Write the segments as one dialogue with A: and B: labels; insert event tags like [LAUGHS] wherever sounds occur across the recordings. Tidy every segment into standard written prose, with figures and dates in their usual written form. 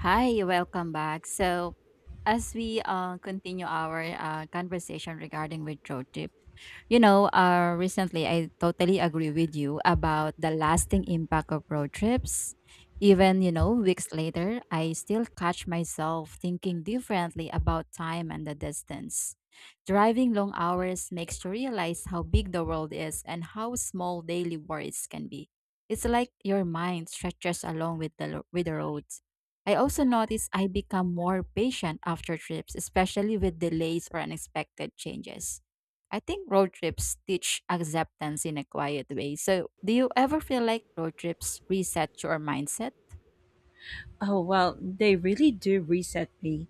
A: Hi, welcome back. So, as we continue our conversation regarding withdrawal recently I totally agree with you about the lasting impact of road trips. Even, you know, weeks later, I still catch myself thinking differently about time and the distance. Driving long hours makes you realize how big the world is and how small daily worries can be. It's like your mind stretches along with the with the roads. I also notice I become more patient after trips, especially with delays or unexpected changes. I think road trips teach acceptance in a quiet way. So, do you ever feel like road trips reset your mindset?
B: Oh, well, they really do reset me.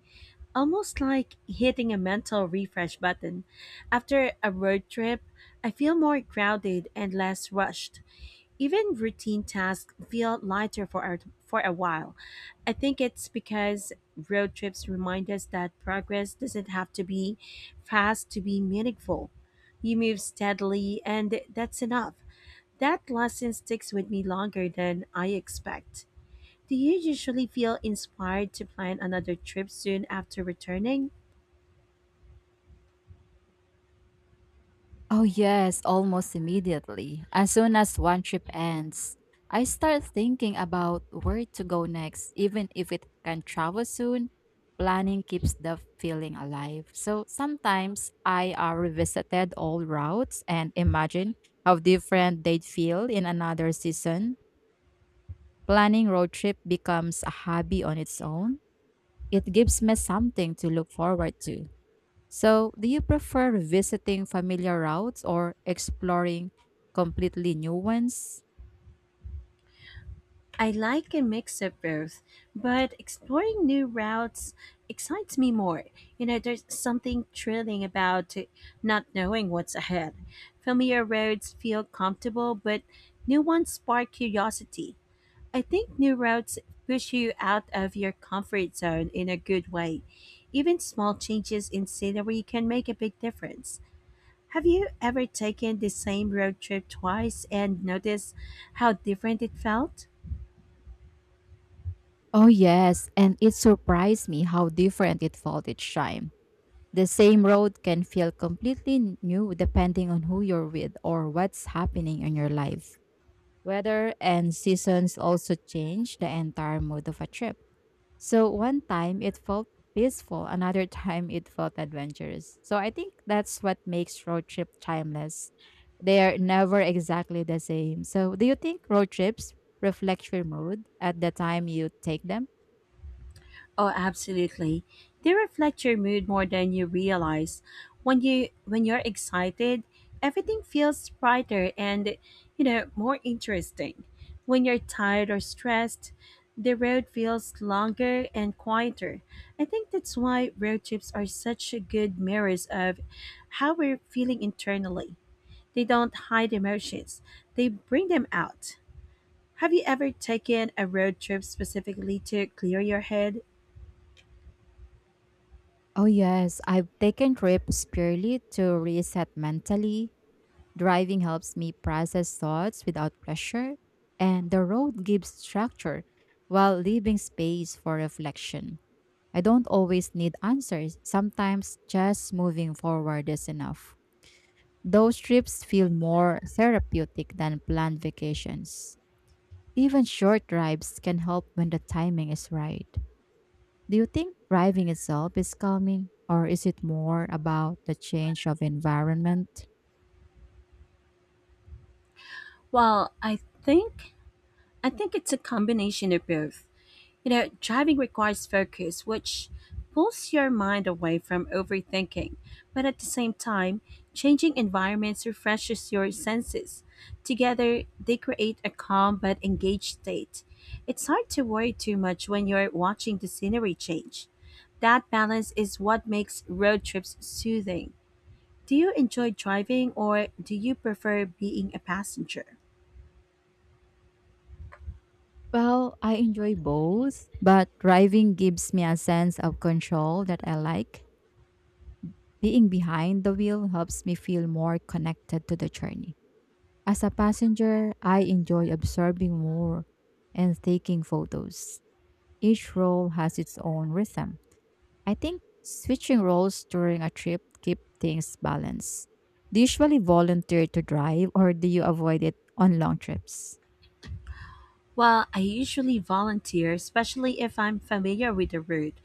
B: Almost like hitting a mental refresh button. After a road trip, I feel more grounded and less rushed. Even routine tasks feel lighter for a while. I think it's because road trips remind us that progress doesn't have to be fast to be meaningful. You move steadily, and that's enough. That lesson sticks with me longer than I expect. Do you usually feel inspired to plan another trip soon after returning?
A: Oh, yes, almost immediately. As soon as one trip ends, I start thinking about where to go next, even if it can travel soon. Planning keeps the feeling alive. So sometimes I revisited old routes and imagine how different they'd feel in another season. Planning road trip becomes a hobby on its own. It gives me something to look forward to. So, do you prefer visiting familiar routes or exploring completely new ones?
B: I like a mix of both, but exploring new routes excites me more. You know, there's something thrilling about not knowing what's ahead. Familiar roads feel comfortable, but new ones spark curiosity. I think new routes push you out of your comfort zone in a good way. Even small changes in scenery can make a big difference. Have you ever taken the same road trip twice and noticed how different it felt?
A: Oh, yes, and it surprised me how different it felt each time. The same road can feel completely new depending on who you're with or what's happening in your life. Weather and seasons also change the entire mood of a trip. So one time it felt peaceful, another [LAUGHS] time it felt adventurous. So I think that's what makes road trip timeless. They are never exactly the same. So do you think road trips reflect your mood at the time you take them?
B: Oh, absolutely. They reflect your mood more than you realize. When you're excited, everything feels brighter and, you know, more interesting. When you're tired or stressed, the road feels longer and quieter. I think that's why road trips are such a good mirrors of how we're feeling internally. They don't hide emotions, they bring them out. Have you ever taken a road trip specifically to clear your head?
A: Oh yes, I've taken trips purely to reset mentally. Driving helps me process thoughts without pressure, and the road gives structure while leaving space for reflection. I don't always need answers. Sometimes just moving forward is enough. Those trips feel more therapeutic than planned vacations. Even short drives can help when the timing is right. Do you think driving itself is calming, or is it more about the change of environment?
B: Well, I think it's a combination of both. You know, driving requires focus, which pulls your mind away from overthinking. But at the same time, changing environments refreshes your senses. Together, they create a calm but engaged state. It's hard to worry too much when you're watching the scenery change. That balance is what makes road trips soothing. Do you enjoy driving or do you prefer being a passenger?
A: Well, I enjoy both, but driving gives me a sense of control that I like. Being behind the wheel helps me feel more connected to the journey. As a passenger, I enjoy observing more and taking photos. Each role has its own rhythm. I think switching roles during a trip keep things balanced. Do you usually volunteer to drive or do you avoid it on long trips?
B: Well, I usually volunteer, especially if I'm familiar with the route.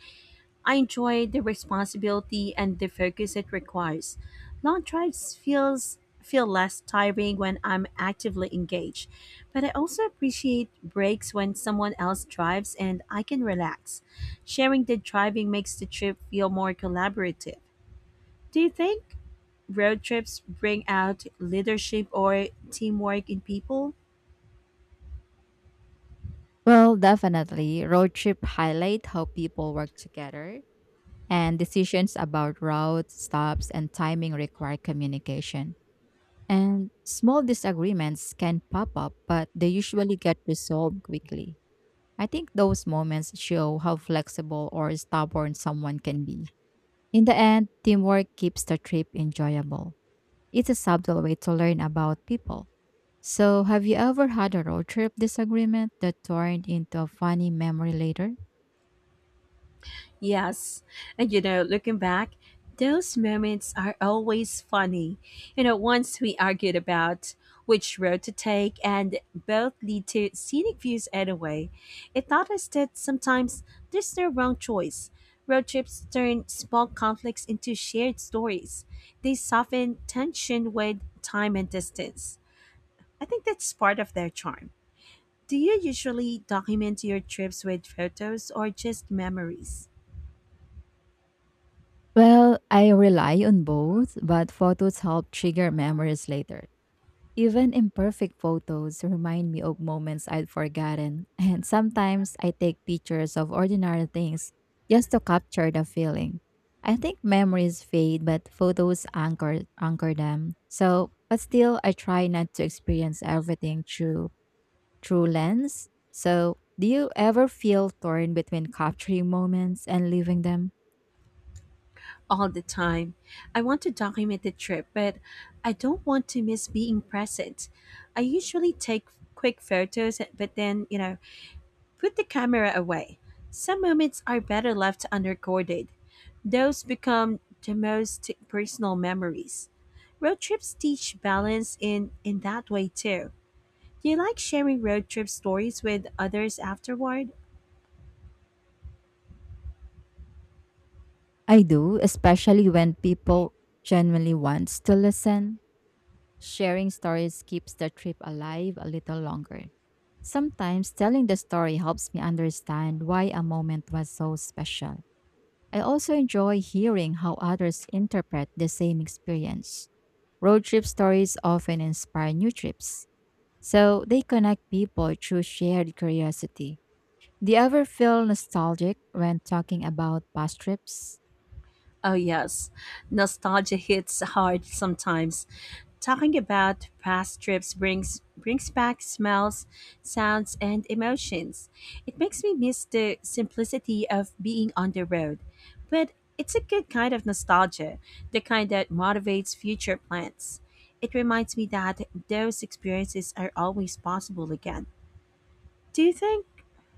B: I enjoy the responsibility and the focus it requires. Long drives feel less tiring when I'm actively engaged, but I also appreciate breaks when someone else drives and I can relax. Sharing the driving makes the trip feel more collaborative. Do you think road trips bring out leadership or teamwork in people?
A: Well, definitely. Road trip highlight how people work together and decisions about routes, stops, and timing require communication. And small disagreements can pop up, but they usually get resolved quickly. I think those moments show how flexible or stubborn someone can be. In the end, teamwork keeps the trip enjoyable. It's a subtle way to learn about people. So, have you ever had a road trip disagreement that turned into a funny memory later?
B: Yes. And, you know, looking back, those moments are always funny. You know, once we argued about which road to take, and both lead to scenic views anyway. It taught us that sometimes there's no wrong choice. Road trips turn small conflicts into shared stories, they soften tension with time and distance. I think that's part of their charm. Do you usually document your trips with photos or just memories?
A: Well, I rely on both, but photos help trigger memories later. Even imperfect photos remind me of moments I'd forgotten, and sometimes I take pictures of ordinary things just to capture the feeling. I think memories fade, but photos anchor them. So, but still, I try not to experience everything through lens. So, do you ever feel torn between capturing moments and leaving them?
B: All the time. I want to document the trip, but I don't want to miss being present. I usually take quick photos, but then, you know, put the camera away. Some moments are better left unrecorded. Those become the most personal memories. Road trips teach balance in that way too. Do you like sharing road trip stories with others afterward?
A: I do, especially when people genuinely wants to listen. Sharing stories keeps the trip alive a little longer. Sometimes telling the story helps me understand why a moment was so special. I also enjoy hearing how others interpret the same experience. Road trip stories often inspire new trips, so they connect people through shared curiosity. Do you ever feel nostalgic when talking about past trips?
B: Oh, yes. Nostalgia hits hard sometimes. Talking about past trips brings back smells, sounds, and emotions. It makes me miss the simplicity of being on the road. But it's a good kind of nostalgia, the kind that motivates future plans. It reminds me that those experiences are always possible again. Do you think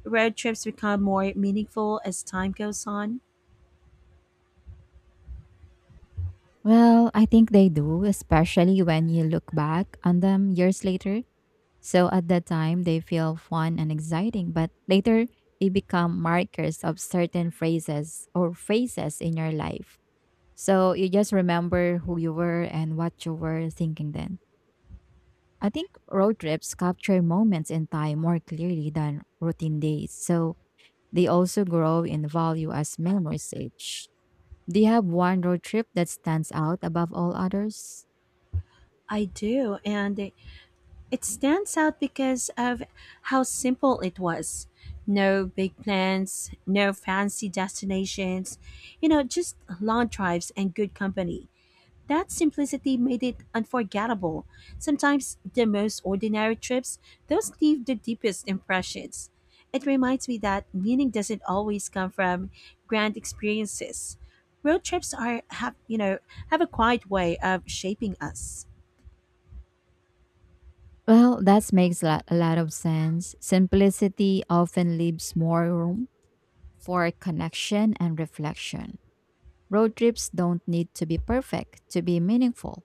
B: road trips become more meaningful as time goes on?
A: Well, I think they do, especially when you look back on them years later. So at that time, they feel fun and exciting, but later they become markers of certain phrases or phases in your life. So you just remember who you were and what you were thinking then. I think road trips capture moments in time more clearly than routine days. So they also grow in value as memories age. Do you have one road trip that stands out above all others?
B: I do, and it stands out because of how simple it was. No big plans, no fancy destinations, you know, just long drives and good company. That simplicity made it unforgettable. Sometimes the most ordinary trips, those leave the deepest impressions. It reminds me that meaning doesn't always come from grand experiences. Road trips are have you know have a quiet way of shaping us.
A: Well, that makes a lot of sense. Simplicity often leaves more room for connection and reflection. Road trips don't need to be perfect to be meaningful,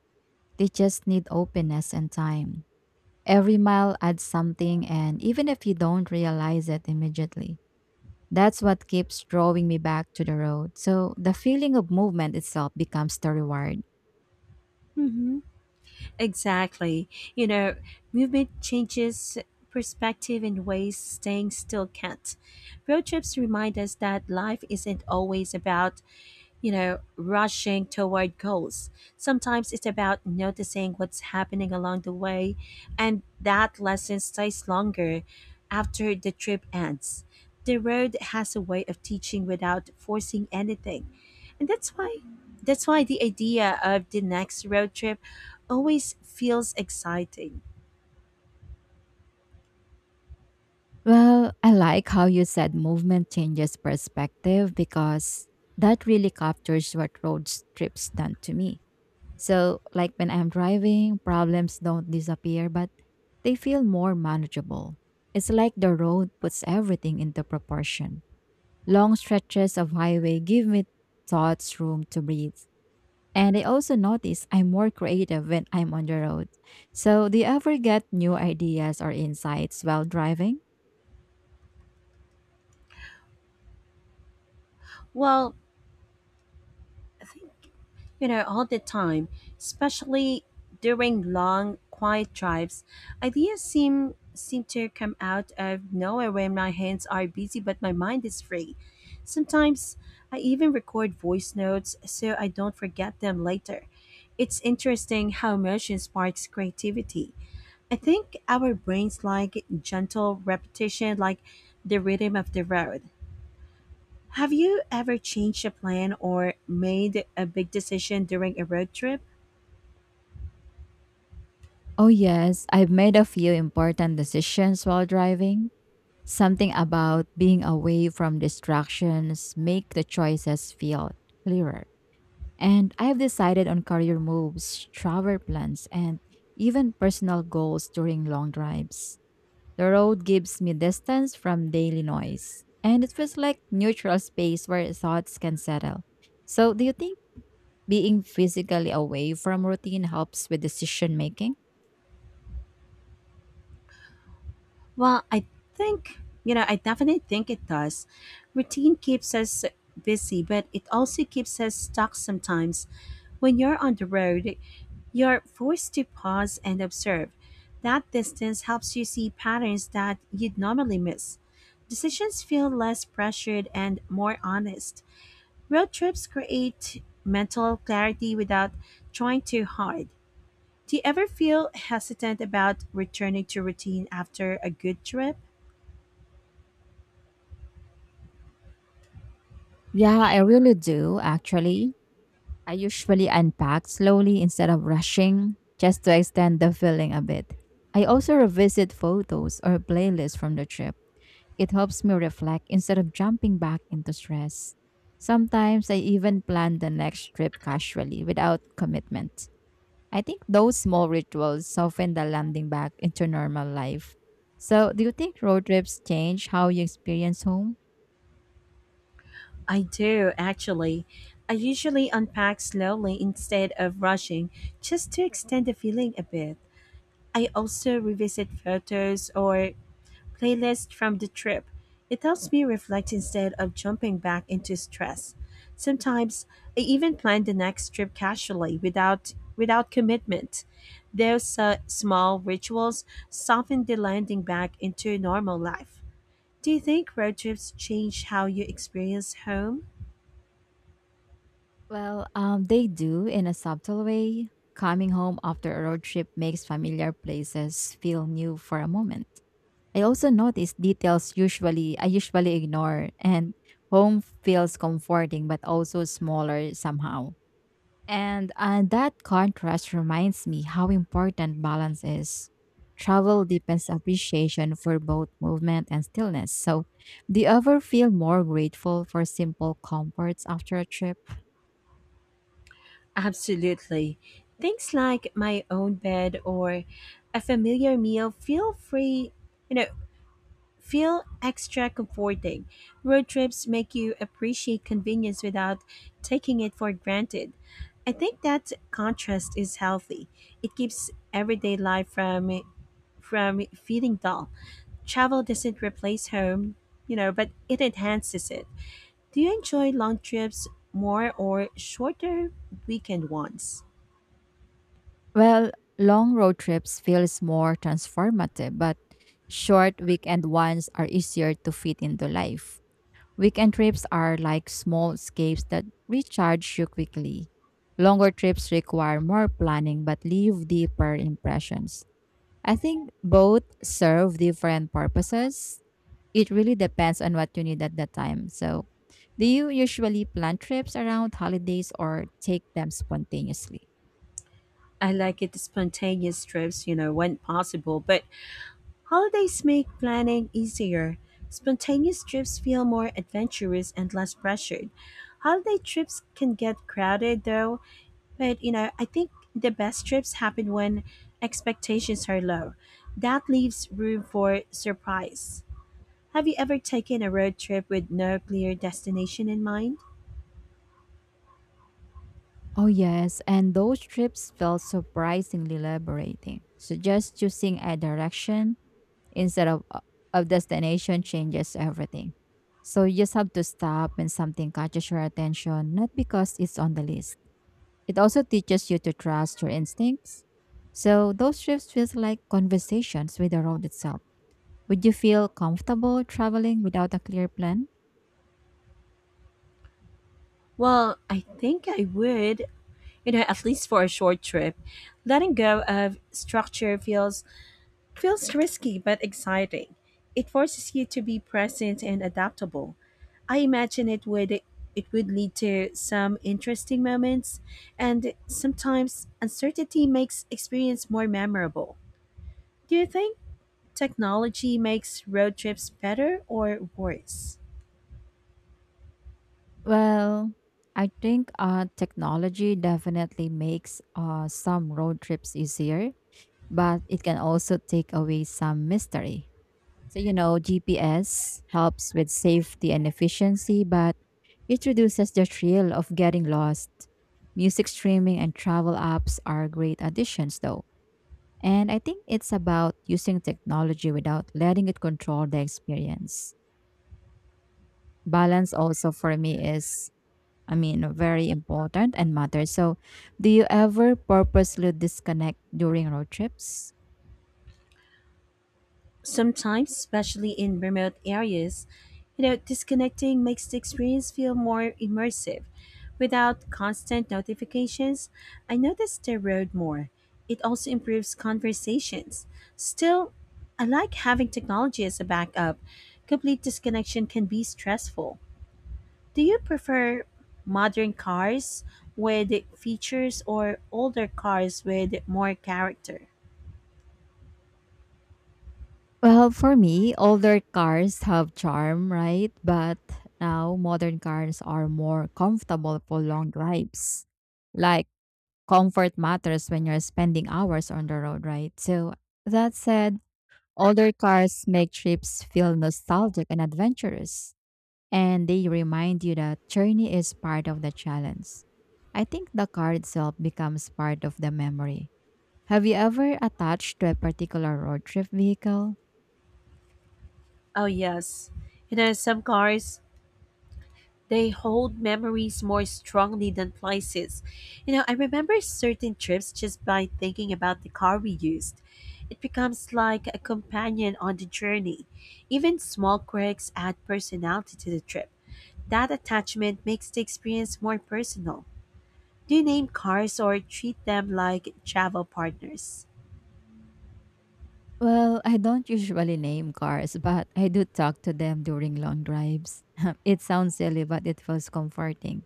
A: they just need openness and time. Every mile adds something, and even if you don't realize it immediately, that's what keeps drawing me back to the road. So the feeling of movement itself becomes the reward.
B: Mhm. Exactly. You know, movement changes perspective in ways staying still can't. Road trips remind us that life isn't always about, you know, rushing toward goals. Sometimes it's about noticing what's happening along the way, and that lesson stays longer after the trip ends. The road has a way of teaching without forcing anything. And that's why the idea of the next road trip always feels exciting.
A: Well, I like how you said movement changes perspective because that really captures what road trips done to me. So, like when I'm driving, problems don't disappear, but they feel more manageable. It's like the road puts everything into proportion. Long stretches of highway give me thoughts room to breathe. And I also notice I'm more creative when I'm on the road. So, do you ever get new ideas or insights while driving?
B: Well, I think, you know, all the time, especially during long, quiet drives, ideas seem to come out of nowhere when my hands are busy but my mind is free. Sometimes I even record voice notes so I don't forget them later. It's interesting how motion sparks creativity. I think our brains like gentle repetition, like the rhythm of the road. Have you ever changed a plan or made a big decision during a road trip?
A: Oh, yes, I've made a few important decisions while driving. Something about being away from distractions make the choices feel clearer. And I have decided on career moves, travel plans, and even personal goals during long drives. The road gives me distance from daily noise, and it feels like neutral space where thoughts can settle. So, do you think being physically away from routine helps with decision making?
B: Well, I think, you know, I definitely think it does. Routine keeps us busy, but it also keeps us stuck sometimes. When you're on the road, you're forced to pause and observe. That distance helps you see patterns that you'd normally miss. Decisions feel less pressured and more honest. Road trips create mental clarity without trying too hard. Do you ever feel hesitant about returning to routine after a good trip?
A: Yeah, I really do actually. I usually unpack slowly instead of rushing, just to extend the feeling a bit. I also revisit photos or playlists from the trip. It helps me reflect instead of jumping back into stress. Sometimes I even plan the next trip casually without commitment. I think those small rituals soften the landing back into normal life. So, do you think road trips change how you experience home?
B: I do, actually. I usually unpack slowly instead of rushing just to extend the feeling a bit. I also revisit photos or playlist from the trip. It helps me reflect instead of jumping back into stress. Sometimes I even plan the next trip casually without commitment. Those small rituals soften the landing back into normal life. Do you think road trips change how you experience home?
A: Well, they do in a subtle way. Coming home after a road trip makes familiar places feel new for a moment. I also notice details usually I usually ignore, and home feels comforting but also smaller somehow. And that contrast reminds me how important balance is. Travel deepens appreciation for both movement and stillness. So, do you ever feel more grateful for simple comforts after a trip?
B: Absolutely. Things like my own bed or a familiar meal feel free, you know, feel extra comforting. Road trips make you appreciate convenience without taking it for granted. I think that contrast is healthy. It keeps everyday life from feeling dull. Travel doesn't replace home, you know, but it enhances it. Do you enjoy long trips more or shorter weekend ones?
A: Well, long road trips feels more transformative, but short weekend ones are easier to fit into life. Weekend trips are like small escapes that recharge you quickly. Longer trips require more planning but leave deeper impressions. I think both serve different purposes. It really depends on what you need at the time. So, do you usually plan trips around holidays or take them spontaneously?
B: I like it spontaneous trips, you know, when possible, but holidays make planning easier. Spontaneous trips feel more adventurous and less pressured. Holiday trips can get crowded though, but, you know, I think the best trips happen when expectations are low. That leaves room for surprise. Have you ever taken a road trip with no clear destination in mind?
A: Oh, yes, and those trips felt surprisingly liberating. So, just choosing a direction instead of a destination changes everything. So, you just have to stop when something catches your attention, not because it's on the list. It also teaches you to trust your instincts. So, those trips feels like conversations with the road itself. Would you feel comfortable traveling without a clear plan?
B: Well, I think I would, you know, at least for a short trip. Letting go of structure feels risky but exciting. It forces you to be present and adaptable. I imagine it would lead to some interesting moments, and sometimes uncertainty makes experience more memorable. Do you think technology makes road trips better or worse?
A: Well, I think technology definitely makes some road trips easier, but it can also take away some mystery. So, you know, GPS helps with safety and efficiency, but it reduces the thrill of getting lost. Music streaming and travel apps are great additions, though. And I think it's about using technology without letting it control the experience. Balance also for me is, I mean, very important and matters. So, do you ever purposely disconnect during road trips?
B: Sometimes, especially in remote areas, you know, disconnecting makes the experience feel more immersive. Without constant notifications, I notice the road more. It also improves conversations. Still, I like having technology as a backup. Complete disconnection can be stressful. Do you prefer modern cars with features or older cars with more character?
A: Well, for me, older cars have charm, right? But now modern cars are more comfortable for long drives. Like comfort matters when you're spending hours on the road, right? So that said, older cars make trips feel nostalgic and adventurous, and they remind you that journey is part of the challenge. I think the card itself becomes part of the memory. Have you ever attached to a particular road trip vehicle?
B: Oh, yes. You know, some cars, they hold memories more strongly than places. You know, I remember certain trips just by thinking about the car we used. It becomes like a companion on the journey. Even small quirks add personality to the trip. That attachment makes the experience more personal. Do you name cars or treat them like travel partners?
A: Well, I don't usually name cars, but I do talk to them during long drives. [LAUGHS] It sounds silly, but it feels comforting.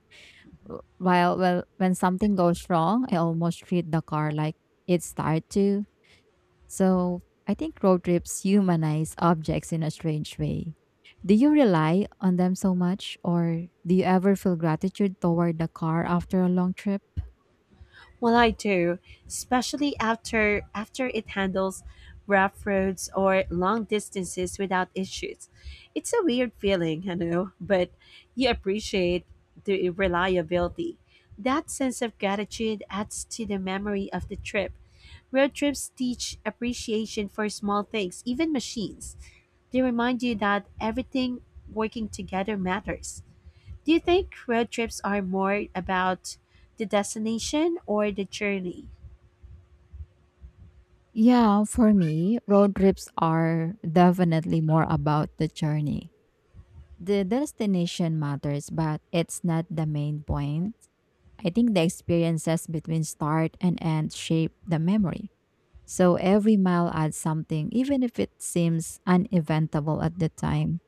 A: When something goes wrong, I almost treat the car like it's tired too. So I think road trips humanize objects in a strange way. Do you rely on them so much, or do you ever feel gratitude toward the car after a long trip?
B: Well, I do, especially after it handles rough roads or long distances without issues. It's a weird feeling, you know, but you appreciate the reliability. That sense of gratitude adds to the memory of the trip. Road trips teach appreciation for small things, even machines. They remind you that everything working together matters. Do you think road trips are more about the destination or the journey?
A: Yeah, for me, road trips are definitely more about the journey. The destination matters, but it's not the main point. I think the experiences between start and end shape the memory. So every mile adds something, even if it seems uneventful at the time.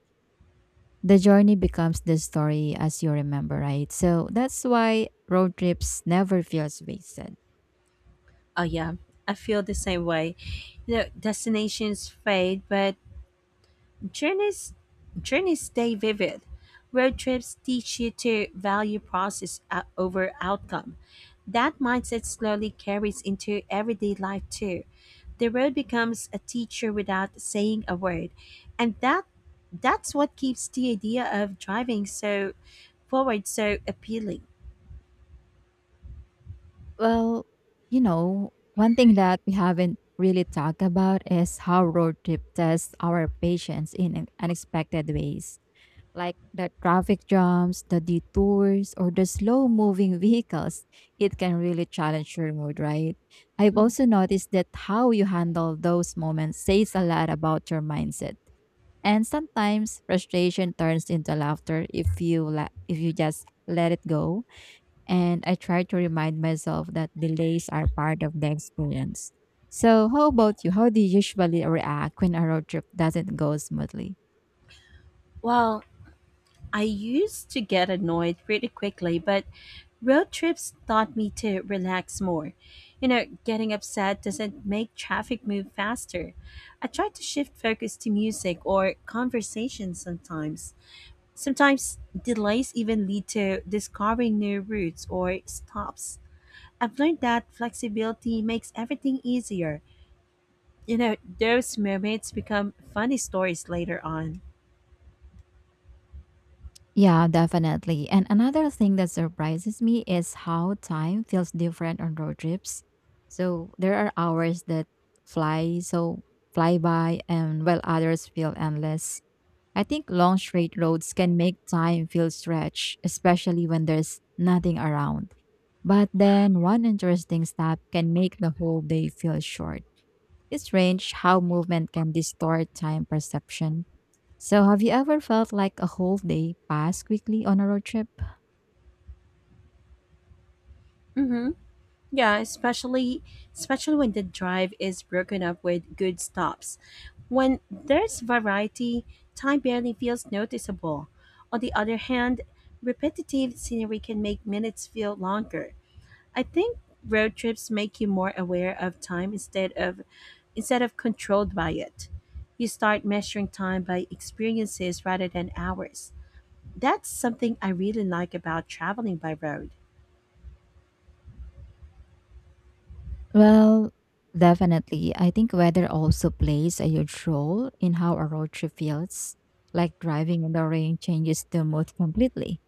A: The journey becomes the story as you remember, right? So that's why road trips never feels wasted.
B: Oh yeah, I feel the same way. You know, destinations fade, but journeys journeys stay vivid. Road trips teach you to value process over outcome. That mindset slowly carries into everyday life too. The road becomes a teacher without saying a word, and that that's what keeps the idea of driving so forward so appealing.
A: Well, you know, one thing that we haven't really talked about is how road trip tests our patience in unexpected ways. Like the traffic jams, the detours, or the slow moving vehicles, it can really challenge your mood, right? I've
B: Mhm.
A: also noticed that how you handle those moments says a lot about your mindset. And sometimes frustration turns into laughter if you if you just let it go. And I try to remind myself that delays are part of the experience. So, how about you? How do you usually react when a road trip doesn't go smoothly?
B: Well, I used to get annoyed pretty quickly, but road trips taught me to relax more. You know, getting upset doesn't make traffic move faster. I try to shift focus to music or conversation sometimes. Sometimes delays even lead to discovering new routes or stops. I've learned that flexibility makes everything easier. You know, those moments become funny stories later on.
A: Yeah, definitely. And another thing that surprises me is how time feels different on road trips. So, there are hours that fly so fly by, and while others feel endless. I think long straight roads can make time feel stretched, especially when there's nothing around. But then one interesting stop can make the whole day feel short. It's strange how movement can distort time perception. So, have you ever felt like a whole day passed quickly on a road trip?
B: Mhm. Yeah, especially when the drive is broken up with good stops. When there's variety, time barely feels noticeable. On the other hand, repetitive scenery can make minutes feel longer. I think road trips make you more aware of time instead of controlled by it. You start measuring time by experiences rather than hours. That's something I really like about traveling by road.
A: Well, definitely. I think weather also plays a huge role in how a road trip feels. Like driving in the rain changes the mood completely,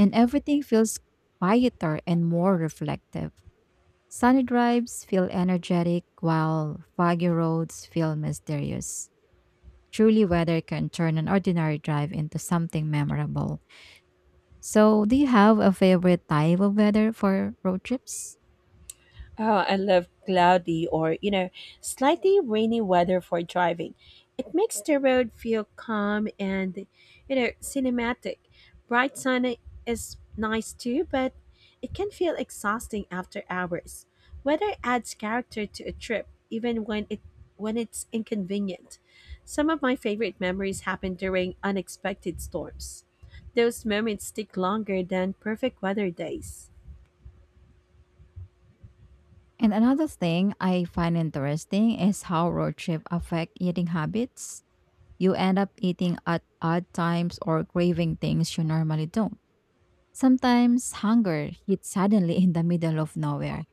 A: and everything feels quieter and more reflective. Sunny drives feel energetic, while foggy roads feel mysterious. Truly, weather can turn an ordinary drive into something memorable. So, do you have a favorite type of weather for road trips?
B: Oh, I love cloudy or, you know, slightly rainy weather for driving. It makes the road feel calm and, you know, cinematic. Bright sun is nice too, but it can feel exhausting after hours. Weather adds character to a trip, even when it's inconvenient. Some of my favorite memories happen during unexpected storms. Those moments stick longer than perfect weather days.
A: And another thing I find interesting is how road trip affect eating habits. You end up eating at odd times or craving things you normally don't. Sometimes hunger hits suddenly in the middle of nowhere.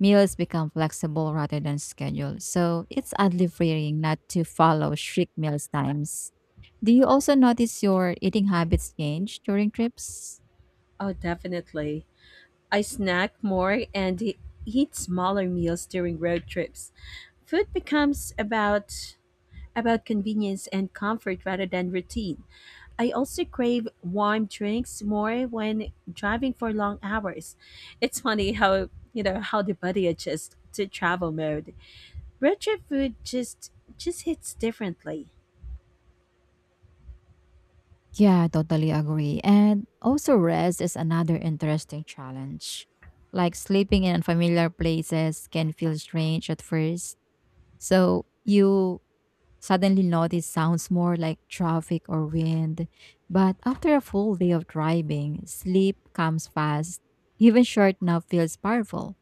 A: Meals become flexible rather than scheduled, so it's oddly freeing not to follow strict meal times. Do you also notice your eating habits change during trips?
B: Oh, definitely. I snack more and eat smaller meals during road trips. Food becomes about convenience and comfort rather than routine. I also crave warm drinks more when driving for long hours. It's funny how, you know, how the body adjusts to travel mode. Road trip food just hits differently.
A: Yeah, I totally agree. And also, rest is another interesting challenge. Like sleeping in unfamiliar places can feel strange at first. So, you suddenly notice sounds more like traffic or wind. But after a full day of driving, sleep comes fast. Even short nap feels powerful.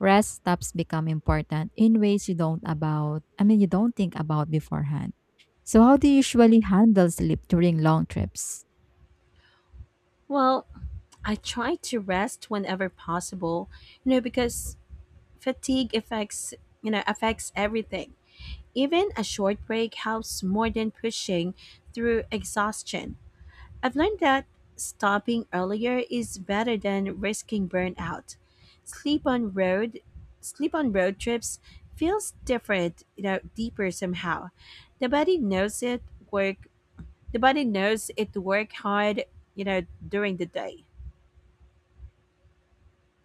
A: Rest stops become important in ways you don't about I mean, you don't think about beforehand. So, how do you usually handle sleep during long trips?
B: Well, I try to rest whenever possible, you know, because fatigue affects, you know, affects everything. Even a short break helps more than pushing through exhaustion. I've learned that stopping earlier is better than risking burnout. Sleep on road Sleep on road trips feels different, you know, deeper somehow. The body knows it work the body knows it work hard, you know, during the day.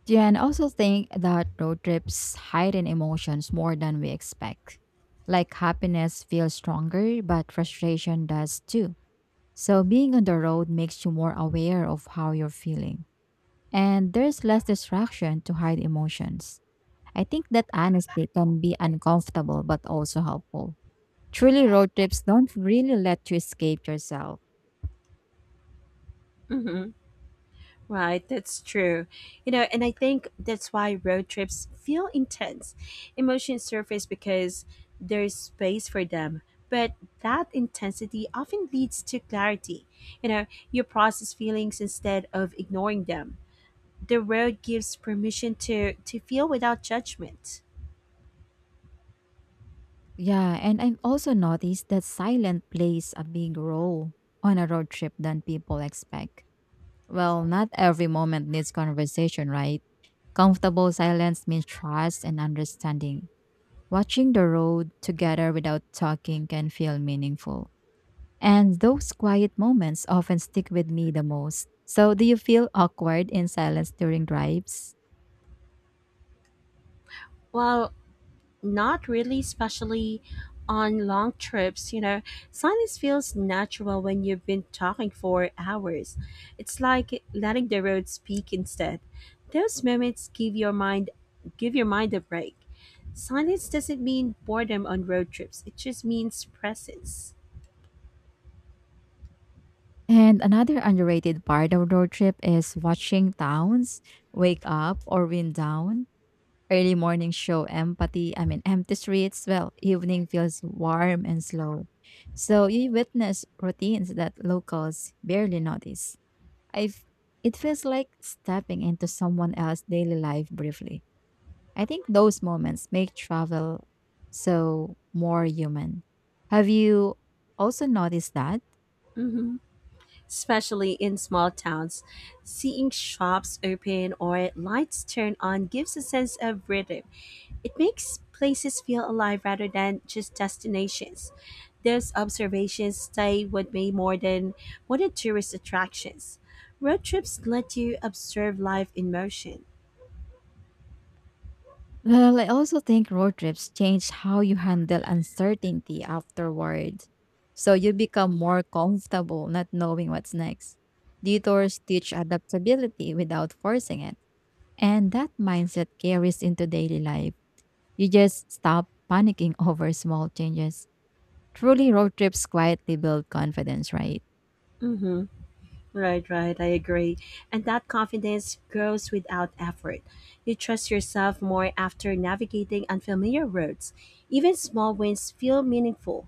A: Yeah, and also think that road trips hide in emotions more than we expect. Like happiness feels stronger, but frustration does too. So, being on the road makes you more aware of how you're feeling, and there's less distraction to hide emotions. I think that honesty can be uncomfortable but also helpful. Truly, road trips don't really let you escape yourself.
B: Mhm. Right, that's true. You know, and I think that's why road trips feel intense. Emotions surface because there's space for them, but that intensity often leads to clarity. You know, you process feelings instead of ignoring them. The road gives permission to feel without judgment.
A: Yeah, and I've also noticed that silence plays a big role on a road trip than people expect. Well, not every moment needs conversation, right? Comfortable silence means trust and understanding. Watching the road together without talking can feel meaningful. And those quiet moments often stick with me the most. So, do you feel awkward in silence during drives?
B: Well, not really, especially on long trips, you know. Silence feels natural when you've been talking for hours. It's like letting the road speak instead. Those moments give your mind a break. Silence doesn't mean boredom on road trips. It just means presence.
A: And another underrated part of road trip is watching towns wake up or wind down. Early morning I mean, empty streets. Well, evening feels warm and slow. So, you witness routines that locals barely notice. I've It feels like stepping into someone else's daily life briefly. I think those moments make travel more human. Have you also noticed that? [LAUGHS]
B: Mhm. Especially in small towns. Seeing shops open or lights turn on gives a sense of rhythm. It makes places feel alive rather than just destinations. Those observations stay with me more than tourist attractions. Road trips let you observe life in motion.
A: Well, I also think road trips change how you handle uncertainty afterward. So, you become more comfortable not knowing what's next. Detours teach adaptability without forcing it. And that mindset carries into daily life. You just stop panicking [LAUGHS] over small changes. Truly, road trips quietly build confidence, right?
B: Mm-hmm. Right, right, I agree. And that confidence grows without effort. You trust yourself more after navigating unfamiliar roads. Even small wins feel meaningful.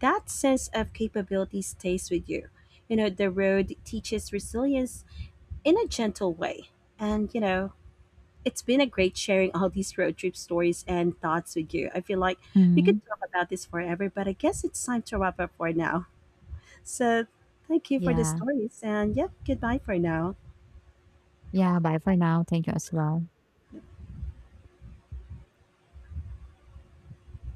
B: That sense of capability stays with you. You know, the road teaches resilience in a gentle way. And, you know, it's been a great sharing all these road trip stories and thoughts with you. I feel like we
A: Mhm.
B: could talk about this forever, but I guess it's time to wrap up for now. So, thank you for the
A: Yeah.
B: stories. And, yep, goodbye for now.
A: Yeah. Bye for now. Thank you as well.